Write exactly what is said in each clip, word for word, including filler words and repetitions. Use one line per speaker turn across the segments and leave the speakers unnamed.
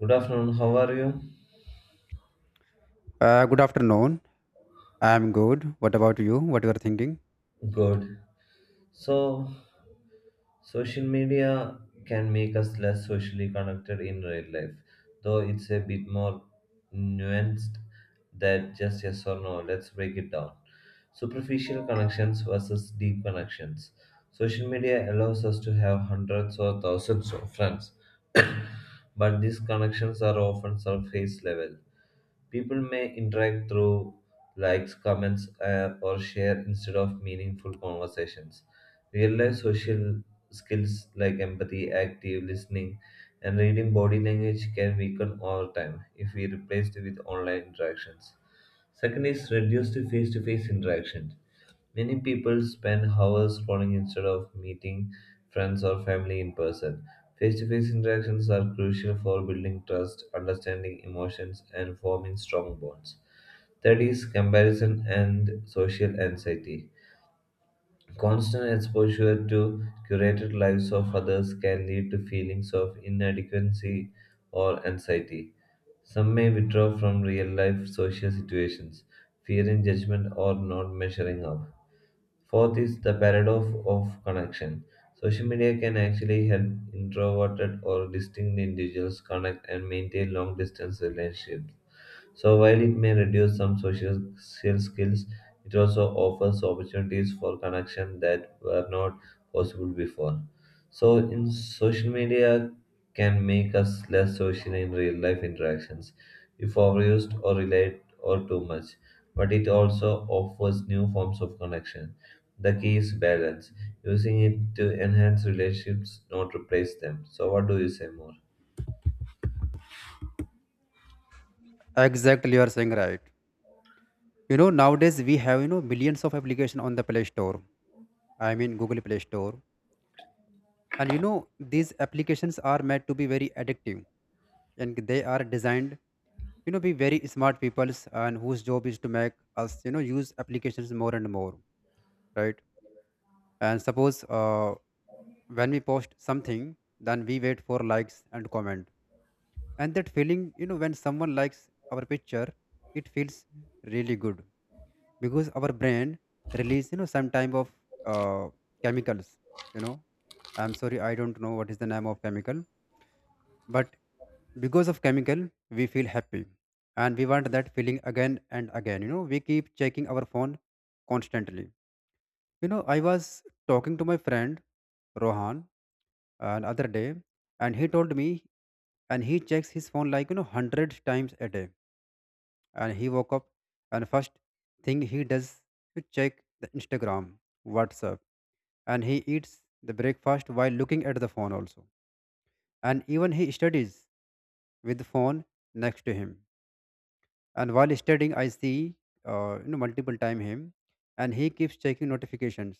Good afternoon, how are you?
Uh, good afternoon. I'm good. What about you? What you are thinking?
Good. So, social media can make us less socially connected in real life, though it's a bit more nuanced than just yes or no. Let's break it down. Superficial connections versus deep connections. Social media allows us to have hundreds or thousands of friends, but these connections are often surface level. People may interact through likes, comments, uh, or share instead of meaningful conversations. Real life social skills like empathy, active listening, and reading body language can weaken over time if we replace it with online interactions. Second is reduced to face to face interaction. Many people spend hours scrolling instead of meeting friends or family in person. Face to face interactions are crucial for building trust, understanding emotions, and forming strong bonds. Third is comparison and social anxiety. Constant exposure to curated lives of others can lead to feelings of inadequacy or anxiety. Some may withdraw from real life social situations, fearing judgment or not measuring up. Fourth is the paradox of connection. Social media can actually help introverted or distinct individuals connect and maintain long distance relationships, so while it may reduce some social social skills, it also offers opportunities for connection that were not possible before. So, in social media can make us less social in real life interactions if overused or relied or too much. But it also offers new forms of connection. The key is balance, using it to enhance relationships, not replace them. So, what do you say more?
Exactly, you are saying right. You know, nowadays we have you know millions of application on the Play Store. I mean Google Play Store, and you know these applications are meant to be very addictive, and they are designed you know be very smart people's and whose job is to make us you know use applications more and more, right? And suppose, uh, when we post something, then we wait for likes and comment, and that feeling, you know when someone likes our picture, it feels really good, because our brain release, you know some type of, uh, chemicals. you know I'm sorry, I don't know what is the name of chemical, but because of chemical we feel happy, and we want that feeling again and again. You know we keep checking our phone constantly. you know, I was talking to my friend Rohan another day, and he told me, and he checks his phone like you know hundred times a day. And he woke up, and first thing he does to check the Instagram, WhatsApp, and he eats the breakfast while looking at the phone also. And even he studies with the phone next to him. And while studying, I see uh, you know multiple time him, and he keeps checking notifications.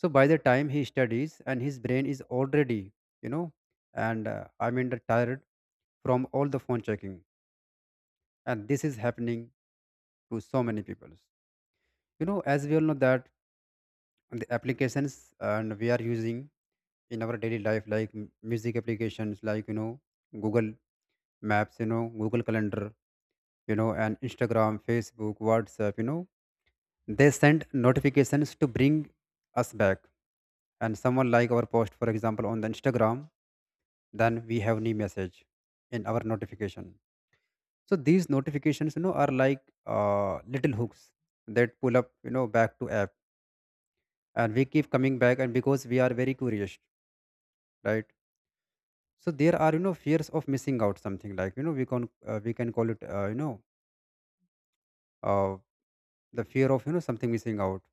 So by the time he studies and his brain is already, you know and, uh, I mean, the tired from all the phone checking, and this is happening to so many people. You know as we all know that the applications and we are using in our daily life, like m- music applications, like you know Google Maps, you know Google Calendar, you know and Instagram, Facebook, WhatsApp. You know they send notifications to bring us back, and someone like our post for example on the Instagram, then we have new message in our notification. So these notifications, you know are like, uh, little hooks that pull up you know back to app, and we keep coming back, and because we are very curious, right? So there are, you know fears of missing out something, like, you know we can uh, we can call it, uh, you know uh, the fear of, you know something missing out.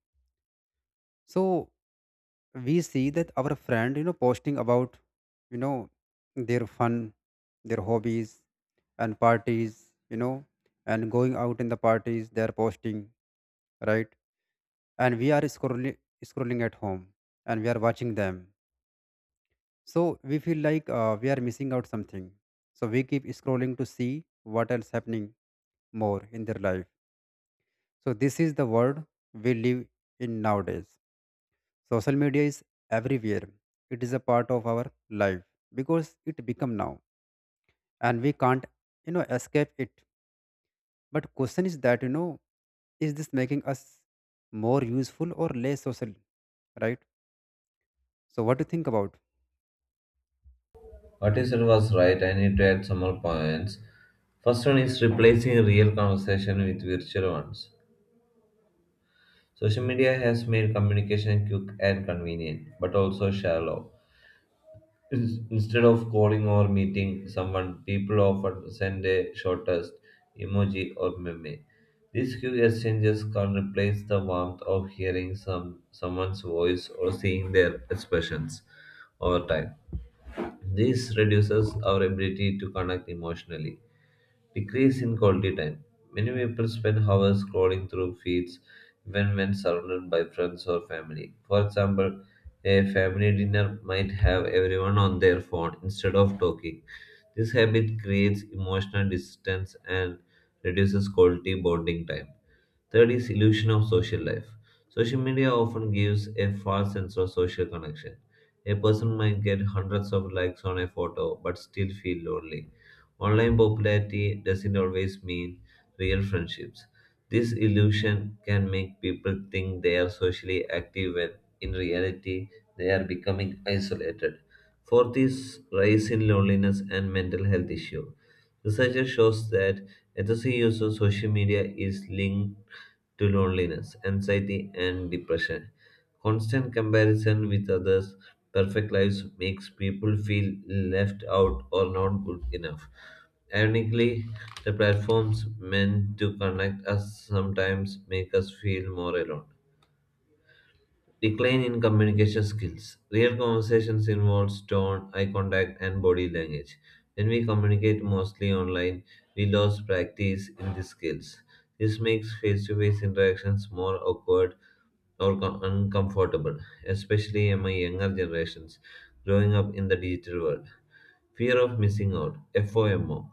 So we see that our friend, you know, posting about, you know, their fun, their hobbies and parties, you know, and going out in the parties, they are posting, right? And we are scrolling, scrolling at home, and we are watching them. So we feel like, uh, we are missing out something. So we keep scrolling to see what else happening more in their life. So this is the world we live in nowadays. Social media is everywhere. It is a part of our life because it become now, and we can't, you know, escape it. But question is that, you know, is this making us more useful or less social, right? So what do you think about?
What you said was right. I need to add some more points. First one is replacing real conversation with virtual ones. Social media has made communication quick and convenient, but also shallow. In- Instead of calling or meeting someone, people often send a short text, emoji, or meme. These quick exchanges can replace the warmth of hearing some someone's voice or seeing their expressions over time. This reduces our ability to connect emotionally. Decrease in quality time. Many people spend hours scrolling through feeds even when surrounded by friends or family. For example, a family dinner might have everyone on their phone instead of talking. This habit creates emotional distance and reduces quality bonding time. Third is illusion of social life. Social media often gives a false sense of social connection. A person might get hundreds of likes on a photo but still feel lonely. Online popularity doesn't always mean real friendships. This illusion can make people think they are socially active when in reality they are becoming isolated. Fourth is rise in loneliness and mental health issue. Research shows that excessive use of social media is linked to loneliness, anxiety, and depression. Constant comparison with others' perfect lives makes people feel left out or not good enough. Ironically, the platforms meant to connect us sometimes make us feel more alone. Decline in communication skills. Real conversations involves tone, eye contact, and body language. When we communicate mostly online, we lose practice in these skills. This makes face-to-face interactions more awkward or co- uncomfortable, especially among younger generations growing up in the digital world. Fear of missing out, FOMO.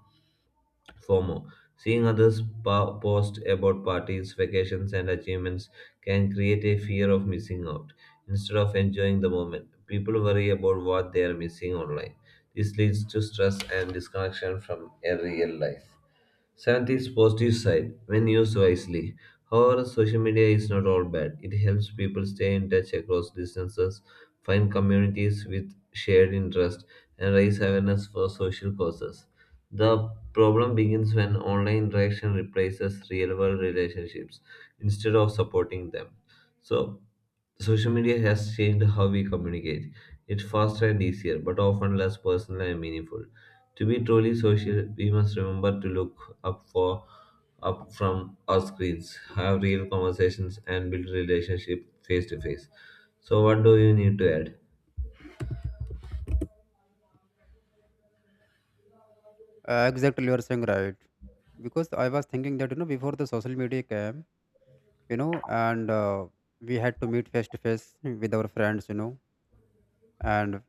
FOMO. Seeing others po- post about parties, vacations, and achievements can create a fear of missing out. Instead of enjoying the moment, people worry about what they are missing online. This leads to stress and disconnection from a real life. Seventh is positive side when used wisely. However, social media is not all bad. It helps people stay in touch across distances, find communities with shared interests, and raise awareness for social causes. The problem begins when online interaction replaces real world relationships instead of supporting them. So, social media has changed how we communicate. It's faster and easier, but often less personal and meaningful. To be truly social, we must remember to look up for up from our screens, have real conversations, and build relationship face to face. So, what do you need to add?
Uh, exactly, you are saying right. Because I was thinking that, you know, before the social media came, you know, and uh, we had to meet face to face with our friends, you know, and,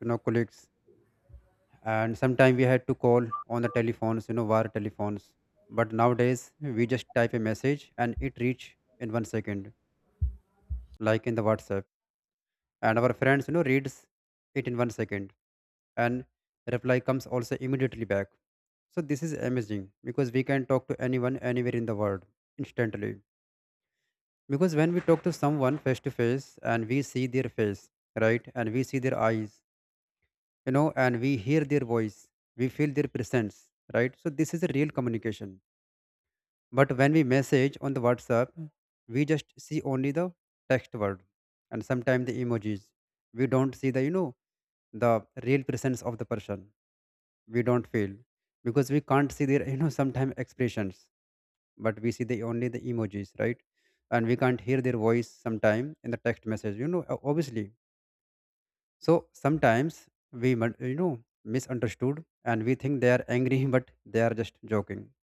you know, colleagues, and sometime we had to call on the telephones, you know wire telephones. But nowadays we just type a message and it reach in one second, like in the WhatsApp, and our friends, you know reads it in one second, and reply comes also immediately back. So this is amazing, because we can talk to anyone anywhere in the world instantly. Because when we talk to someone face to face, and we see their face, right, and we see their eyes, you know and we hear their voice, we feel their presence, right? So this is a real communication. But when we message on the WhatsApp, we just see only the text word, and sometimes the emojis. We don't see the you know the real presence of the person. We don't feel, because we can't see their you know sometimes expressions, but we see the only the emojis, right? And we can't hear their voice sometime in the text message. You know, o- obviously. So sometimes we mon- you know misunderstood, and we think they are angry, but they are just joking.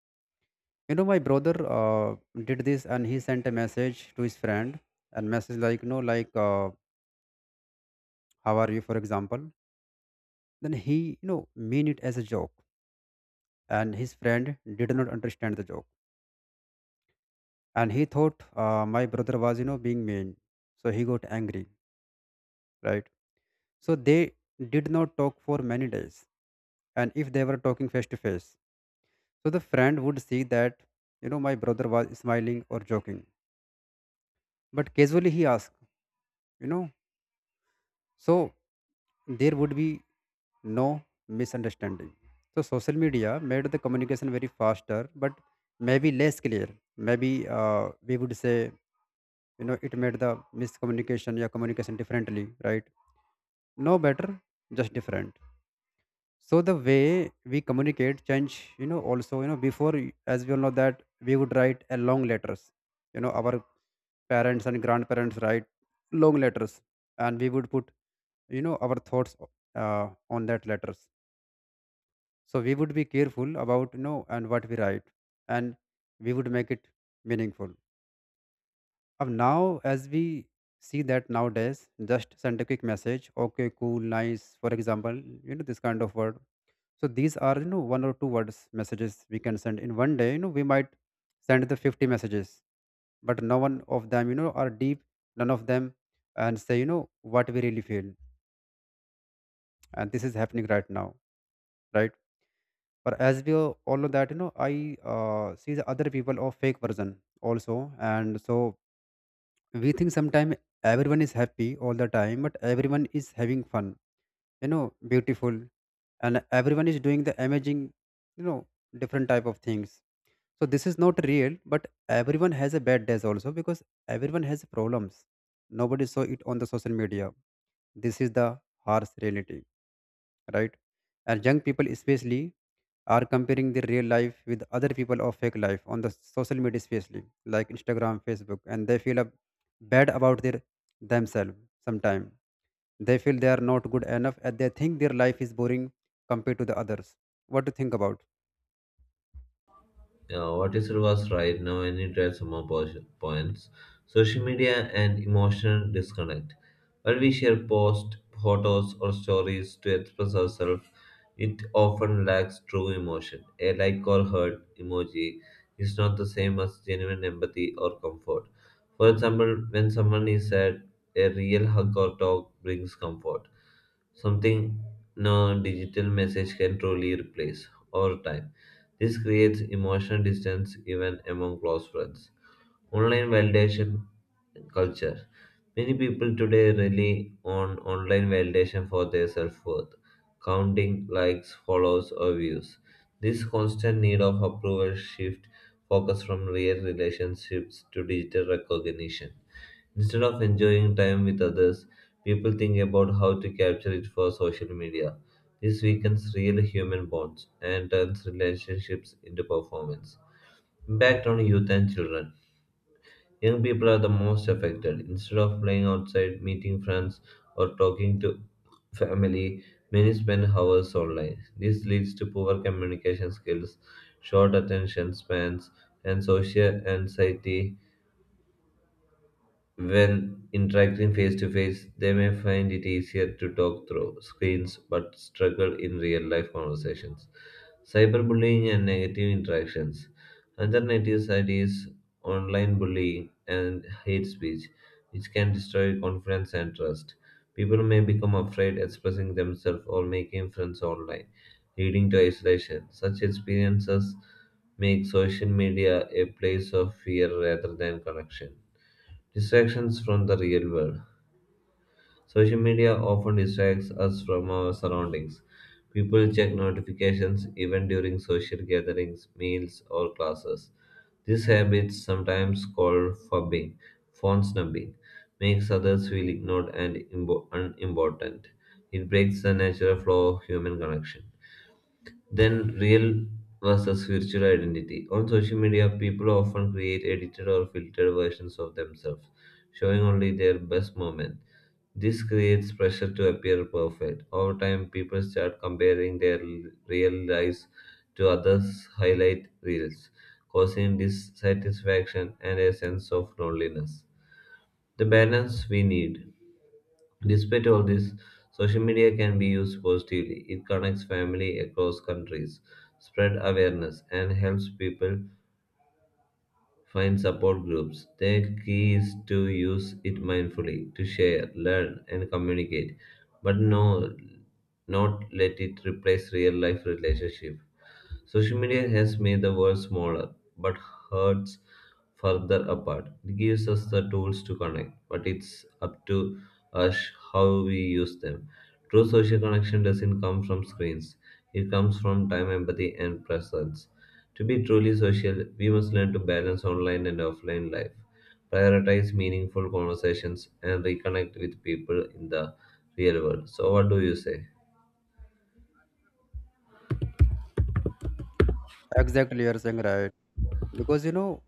you know My brother, uh, did this, and he sent a message to his friend, and message like, you know like, uh, how are you for example. Then he, you know mean it as a joke, and his friend did not understand the joke, and he thought, uh, my brother was, you know being mean, so he got angry, right? So they did not talk for many days, and if they were talking face to face, so the friend would see that, you know my brother was smiling or joking, but casually he asked you know So there would be no misunderstanding. So social media made the communication very faster, but maybe less clear. Maybe, uh, we would say, you know, it made the miscommunication or communication differently, right? No better, just different. So the way we communicate change, you know, also, you know, before, as we all know that we would write a long letters, you know, our parents and grandparents write long letters, and we would put you know our thoughts, uh, on that letters, so we would be careful about, you know and what we write, and we would make it meaningful. Of now as we see that nowadays just send a quick message, okay, cool, nice for example, you know this kind of word. So these are, you know one or two words messages, we can send in one day, you know we might send the fifty messages, but no one of them, you know are deep, none of them, and say, you know what we really feel, and this is happening right now, right? Or as we all all know that, you know, I uh, see the other people of fake version also, and so we think sometimes everyone is happy all the time, but everyone is having fun, you know, beautiful, and everyone is doing the amazing, you know, different type of things. So this is not real, but everyone has a bad days also because everyone has problems. Nobody saw it on the social media. This is the harsh reality, right? And young people especially are comparing their real life with other people of fake life on the social media, especially like Instagram, Facebook, and they feel a bad about their themselves. Sometimes they feel they are not good enough, and they think their life is boring compared to the others. What to think about?
uh, What is was right now I need to some more po- points. Social media and emotional disconnect. While we share posts, photos, or stories to express ourselves, it often lacks true emotion. A like or hurt emoji is not the same as genuine empathy or comfort. For example, when someone is sad, a real hug or talk brings comfort, something no digital message can truly replace over time. This creates emotional distance even among close friends. Online validation culture. Many people today rely on online validation for their self worth, counting likes, follows, or views. This constant need of approval shift focus from real relationships to digital recognition. Instead of enjoying time with others, people think about how to capture it for social media. This weakens real human bonds and turns relationships into performance. Impact on youth and children. Young people are the most affected. Instead of playing outside, meeting friends, or talking to family, many spend hours online. This leads to poor communication skills, short attention spans, and social anxiety. When interacting face to face, they may find it easier to talk through screens but struggle in real life conversations. Cyberbullying and negative interactions. Another negative side is online bullying and hate speech, which can destroy confidence and trust. People may become afraid expressing themselves or making friends online, leading to isolation. Such experiences make social media a place of fear rather than connection. Distractions from the real world. Social media often distracts us from our surroundings. People check notifications even during social gatherings, meals, or classes. This habit, sometimes called fubbing, phone snubbing, makes others feel ignored and imbo- unimportant. It breaks the natural flow of human connection. Then, real versus virtual identity. On social media, people often create edited or filtered versions of themselves, showing only their best moment. This creates pressure to appear perfect. Over time, people start comparing their l- real lives to others' highlight reels, causing dissatisfaction and a sense of loneliness. The balance we need. Despite all this, social media can be used positively. It connects family across countries, spread awareness, and helps people find support groups. The key is to use it mindfully, to share, learn, and communicate, but no, not let it replace real life relationship. Social media has made the world smaller, but hurts further apart. It gives us the tools to connect, but it's up to us how we use them. True social connection doesn't come from screens, it comes from time, empathy, and presence. To be truly social, we must learn to balance online and offline life, prioritize meaningful conversations, and reconnect with people in the real world. So, what do you say?
Exactly, you are saying right, because, you know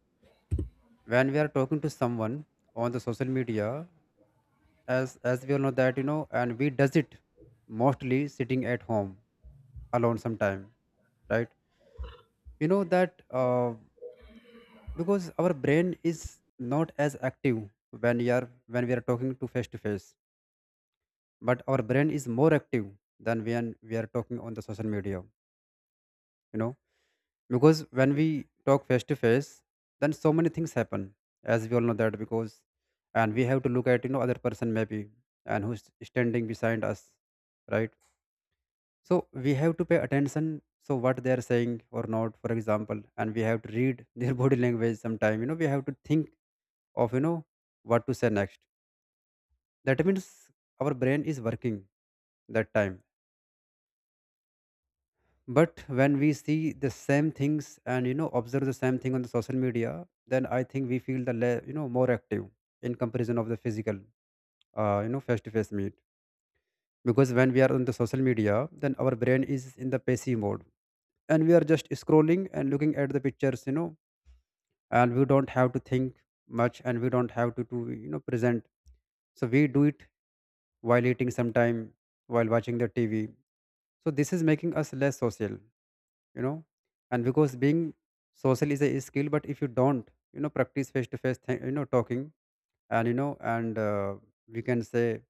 when we are talking to someone on the social media, as as we all know that, you know and we does it mostly sitting at home alone sometime, right? you know that uh, Because our brain is not as active when we are when we are talking to face to face, but our brain is more active than when we are talking on the social media, you know because when we talk face to face, then so many things happen, as we all know that, because, and we have to look at, you know other person maybe, and who's standing beside us, right? So we have to pay attention, so what they are saying or not for example, and we have to read their body language sometime, you know we have to think of, you know what to say next. That means our brain is working that time. But when we see the same things, and you know observe the same thing on the social media, then I think we feel the le- you know more active, in comparison of the physical, uh, you know face to face meet. Because when we are on the social media, then our brain is in the passive mode, and we are just scrolling and looking at the pictures, you know and we don't have to think much, and we don't have to, to you know present, so we do it while eating sometime, while watching the T V. So this is making us less social, you know, and because being social is a skill, but if you don't, you know, practice face to face, you know, talking and you know, and uh, we can say,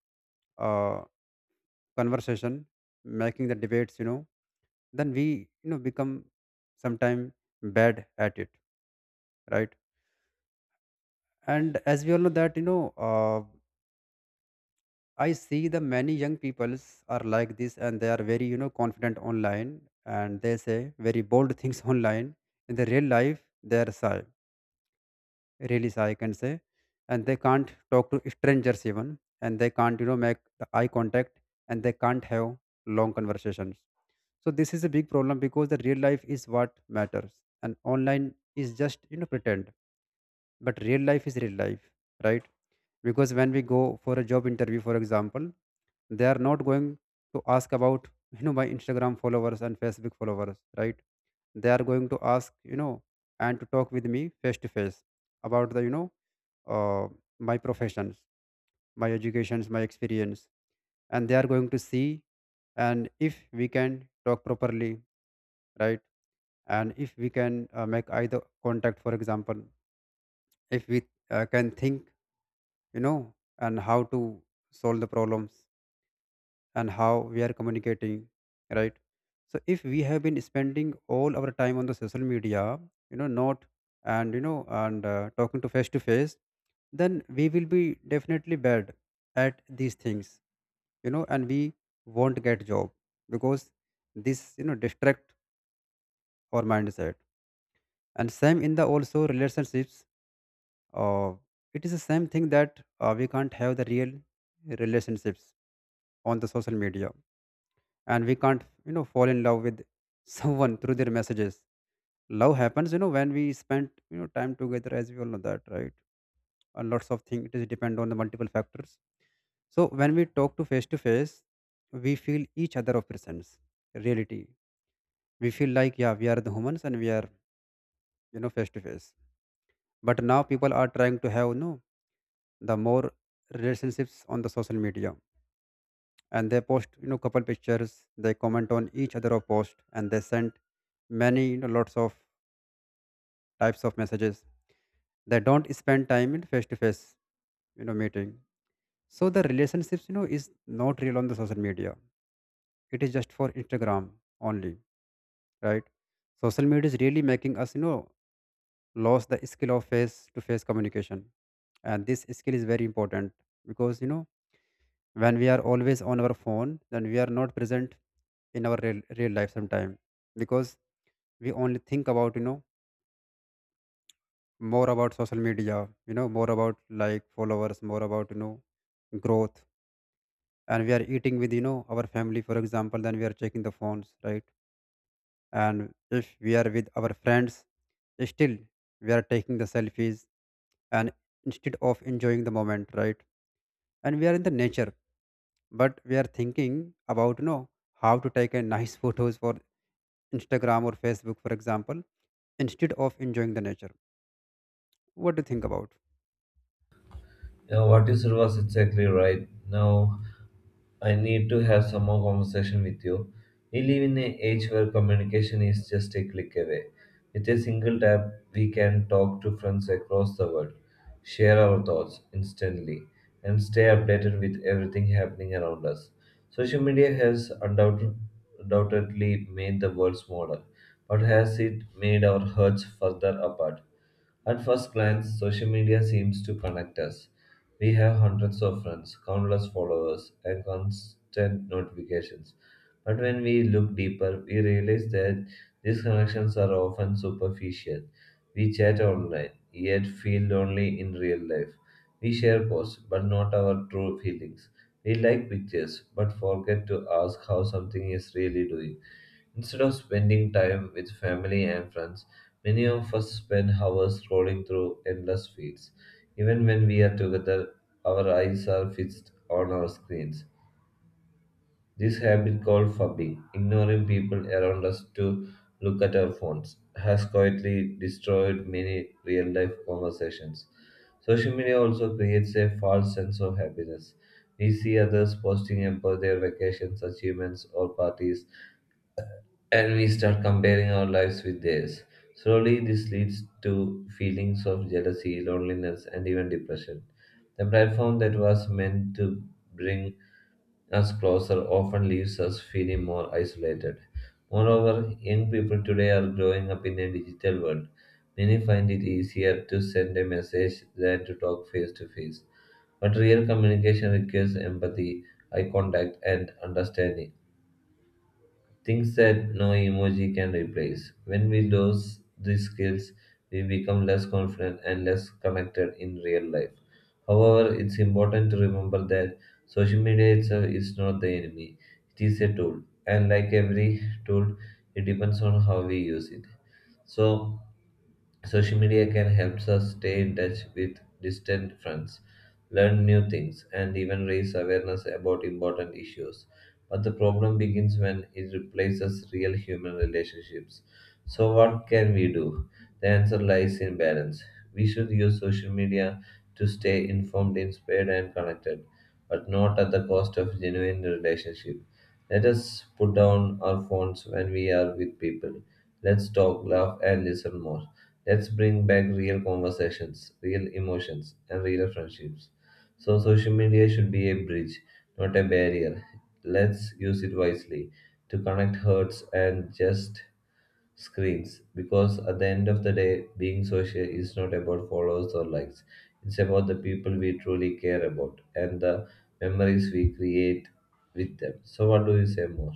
uh, conversation, making the debates, you know, then we, you know become sometime bad at it, right? And as we all know that you know. Uh, I see the many young peoples are like this, and they are very, you know, confident online, and they say very bold things online. In the real life, they are shy, really shy, I can say. And they can't talk to strangers even. And they can't, you know, make the eye contact, and they can't have long conversations. So this is a big problem because the real life is what matters. And online is just, you know, pretend. But real life is real life, right? Because when we go for a job interview, for example, they are not going to ask about, you know my Instagram followers and Facebook followers, right? They are going to ask, you know and to talk with me face to face about the you know uh, my professions, my educations, my experience. And they are going to see, and if we can talk properly, right? And if we can uh, make either contact, for example. If we uh, can think, you know and how to solve the problems, and how we are communicating, right? So if we have been spending all our time on the social media, you know not, and you know and uh, talking to face to face, then we will be definitely bad at these things, you know and we won't get job, because this, you know distract our mindset. And same in the also relationships. uh, it is the same thing that uh, we can't have the real relationships on the social media. And we can't, you know fall in love with someone through their messages. Love happens, you know when we spend, you know time together, as we all know that, right? And lots of things, it is depend on the multiple factors. So when we talk to face to face, we feel each other of presence, reality. We feel like, yeah, we are the humans and we are, you know face to face. But now people are trying to have, you know the more relationships on the social media. And they post, you know couple pictures, they comment on each other of post, and they send many, you know lots of types of messages. They don't spend time in face to face, you know meeting. So the relationships, you know is not real on the social media. It is just for Instagram only, right? Social media is really making us, you know lose the skill of face to face communication. And this skill is very important, because, you know when we are always on our phone, then we are not present in our real, real life sometime. Because we only think about, you know more about social media, you know more about like followers, more about, you know growth. And we are eating with, you know our family, for example, then we are checking the phones, right? And if we are with our friends, still we are taking the selfies, and instead of enjoying the moment, right? And we are in the nature, but we are thinking about, you know how to take a nice photos for Instagram or Facebook, for example, instead of enjoying the nature. What do you think about?
Yeah, what you said was exactly right. Now, I need to have some more conversation with you. We live in an age where communication is just a click away. With a single tap, we can talk to friends across the world, share our thoughts instantly, and stay updated with everything happening around us. Social media has undoubt- undoubtedly made the world smaller, but has it made our hearts further apart? At first glance, social media seems to connect us. We have hundreds of friends, countless followers, and constant notifications. But when we look deeper, we realize that these connections are often superficial. We chat online, yet feel lonely in real life. We share posts, but not our true feelings. We like pictures, but forget to ask how something is really doing. Instead of spending time with family and friends, many of us spend hours scrolling through endless feeds. Even when we are together, our eyes are fixed on our screens. This habit called fubbing, ignoring people around us to look at our phones, has quietly destroyed many real life conversations. Social media also creates a false sense of happiness. We see others posting about their vacations, achievements, or parties and we start comparing our lives with theirs. Slowly, this leads to feelings of jealousy, loneliness, and even depression. The platform that was meant to bring us closer often leaves us feeling more isolated. Moreover, young people today are growing up in a digital world. Many find it easier to send a message than to talk face to face. But real communication requires empathy, eye contact, and understanding things that no emoji can replace. When we lose these skills, we become less confident and less connected in real life. However, it's important to remember that social media itself is not the enemy, it is a tool, and like every tool, it depends on how we use it. So, social media can help us stay in touch with distant friends, learn new things, and even raise awareness about important issues. But the problem begins when it replaces real human relationships. So, what can we do? The answer lies in balance. We should use social media to stay informed, inspired, and connected, but not at the cost of genuine relationship. Let us put down our phones when we are with people. Let's talk, laugh, and listen more. Let's bring back real conversations, real emotions, and real friendships. So, social media should be a bridge, not a barrier. Let's use it wisely to connect hearts and just screens. Because at the end of the day, being social is not about followers or likes, it's about the people we truly care about and the memories we create with them. So, what do you say more?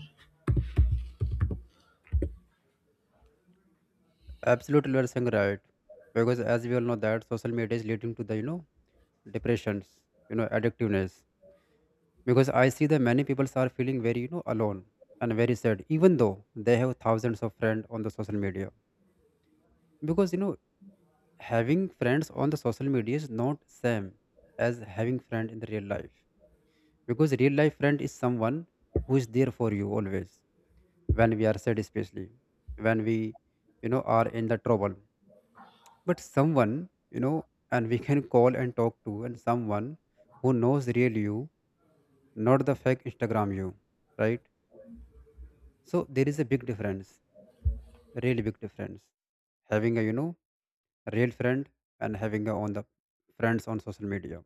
Absolutely, you are saying right. Because as we all know that social media is leading to the, you know depressions, you know addictiveness. Because I see that many people are feeling very, you know alone and very sad, even though they have thousands of friends on the social media. Because, you know having friends on the social media is not same as having friend in the real life. Because real life friend is someone who is there for you always, when we are sad, especially when we, you know are in the trouble. But someone, you know and we can call and talk to, and someone who knows real you, not the fake Instagram you, right? So there is a big difference, really big difference, having a, you know real friend, and having a on the friends on social media.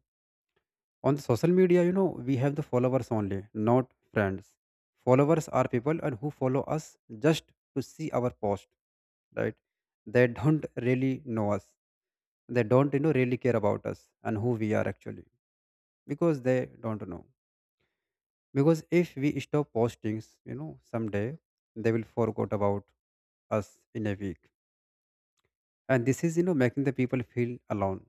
On the social media, you know, we have the followers only, not friends. Followers are people and who follow us just to see our post, right? They don't really know us. They don't, you know, really care about us and who we are actually, because they don't know. Because if we stop postings, you know, someday they will forget about us in a week. And this is, you know, making the people feel alone.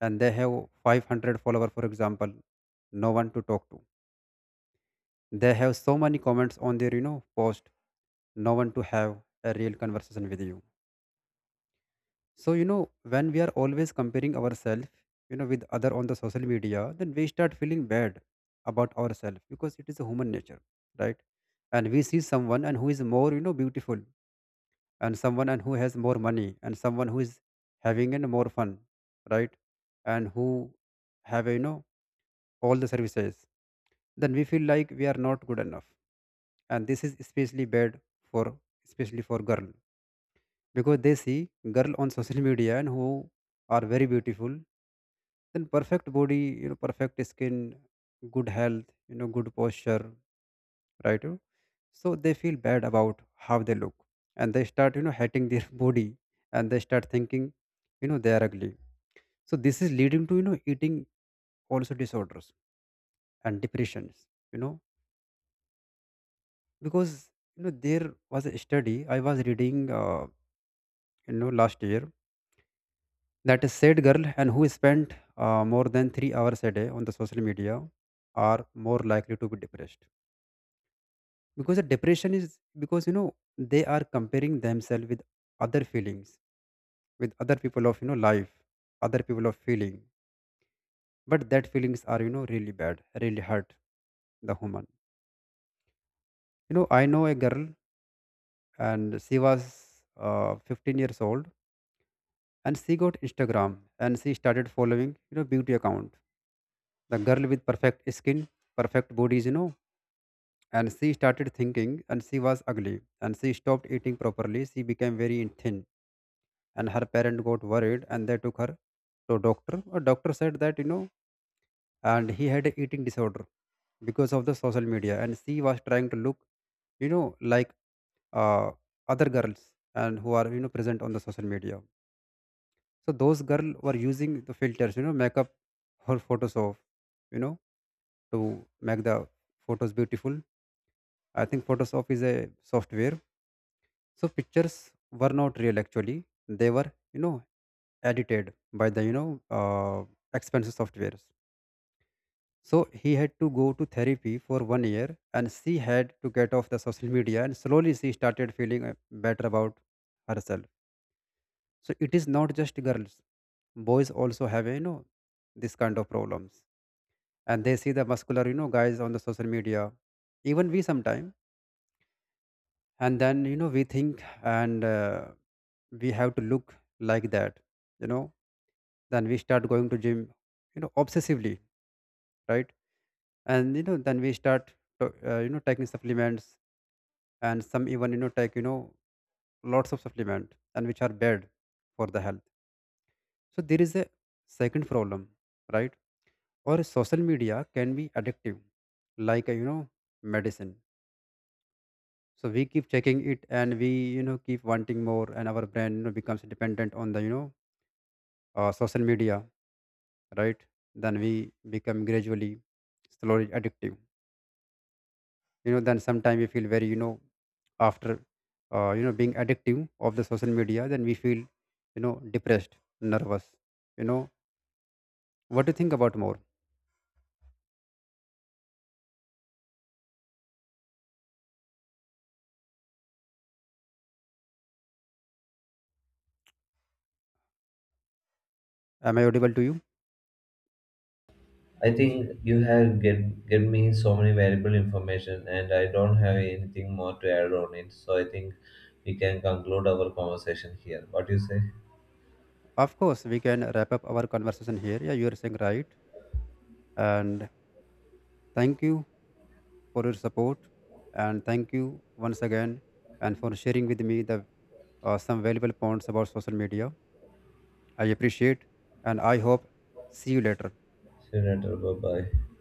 And they have five hundred followers, for example, no one to talk to. They have so many comments on their, you know, post. No one to have a real conversation with you. So, you know, when we are always comparing ourselves, you know, with other on the social media, then we start feeling bad about ourselves, because it is a human nature, right? And we see someone and who is more, you know, beautiful, and someone and who has more money, and someone who is having and more fun, right? And who have, a you know, all the services, then we feel like we are not good enough. And this is especially bad for, especially for girl, because they see girl on social media and who are very beautiful, then perfect body, you know perfect skin, good health, you know good posture, right? So they feel bad about how they look, and they start, you know hating their body, and they start thinking, you know they are ugly. So this is leading to, you know eating also disorders and depressions, you know because, you know there was a study I was reading uh, you know last year, that a sad girl and who spent uh, more than three hours a day on the social media are more likely to be depressed. Because the depression is because, you know they are comparing themselves with other feelings, with other people of, you know life, other people of feeling. But that feelings are, you know really bad, really hurt the human. you know I know a girl, and she was uh, fifteen years old, and she got Instagram, and she started following, you know beauty account, the girl with perfect skin, perfect bodies, you know And she started thinking and she was ugly, and she stopped eating properly, she became very thin. And her parent got worried and they took her to doctor. A doctor said that, you know and he had a eating disorder because of the social media, and she was trying to look, you know like, uh, other girls and who are, you know present on the social media. So those girl were using the filters, you know, makeup, her Photoshop, you know, to make the photos beautiful. I think Photoshop is a software. So pictures were not real actually. They were, you know, edited by the, you know, uh, expensive softwares. So he had to go to therapy for one year, and she had to get off the social media, and slowly she started feeling uh, better about herself. So it is not just girls, boys also have, you know this kind of problems. And they see the muscular, you know guys on the social media, even we sometime. And then, you know we think and uh, we have to look like that, you know then we start going to gym, you know obsessively, right? And, you know then we start to- uh, you know taking supplements. And some even, you know take, you know lots of supplement and which are bad for the health. So there is a second problem, right? Or social media can be addictive, like, uh, you know, medicine. So we keep checking it, and we, you know keep wanting more, and our brain, you know, becomes dependent on the, you know uh, social media, right? Then we become gradually, slowly addictive. You know, then sometimes we feel very, you know after uh, you know being addictive of the social media, then we feel, you know depressed, nervous. You know, what do you think about more? Am I audible to you?
I think you have get get me so many valuable information, and I don't have anything more to add on it. So I think we can conclude our conversation here. What do you say?
Of course, we can wrap up our conversation here. Yeah, you are saying right. And thank you for your support, and thank you once again and for sharing with me the, uh, some valuable points about social media. I appreciate, and I hope see you later.
See you later. Bye bye.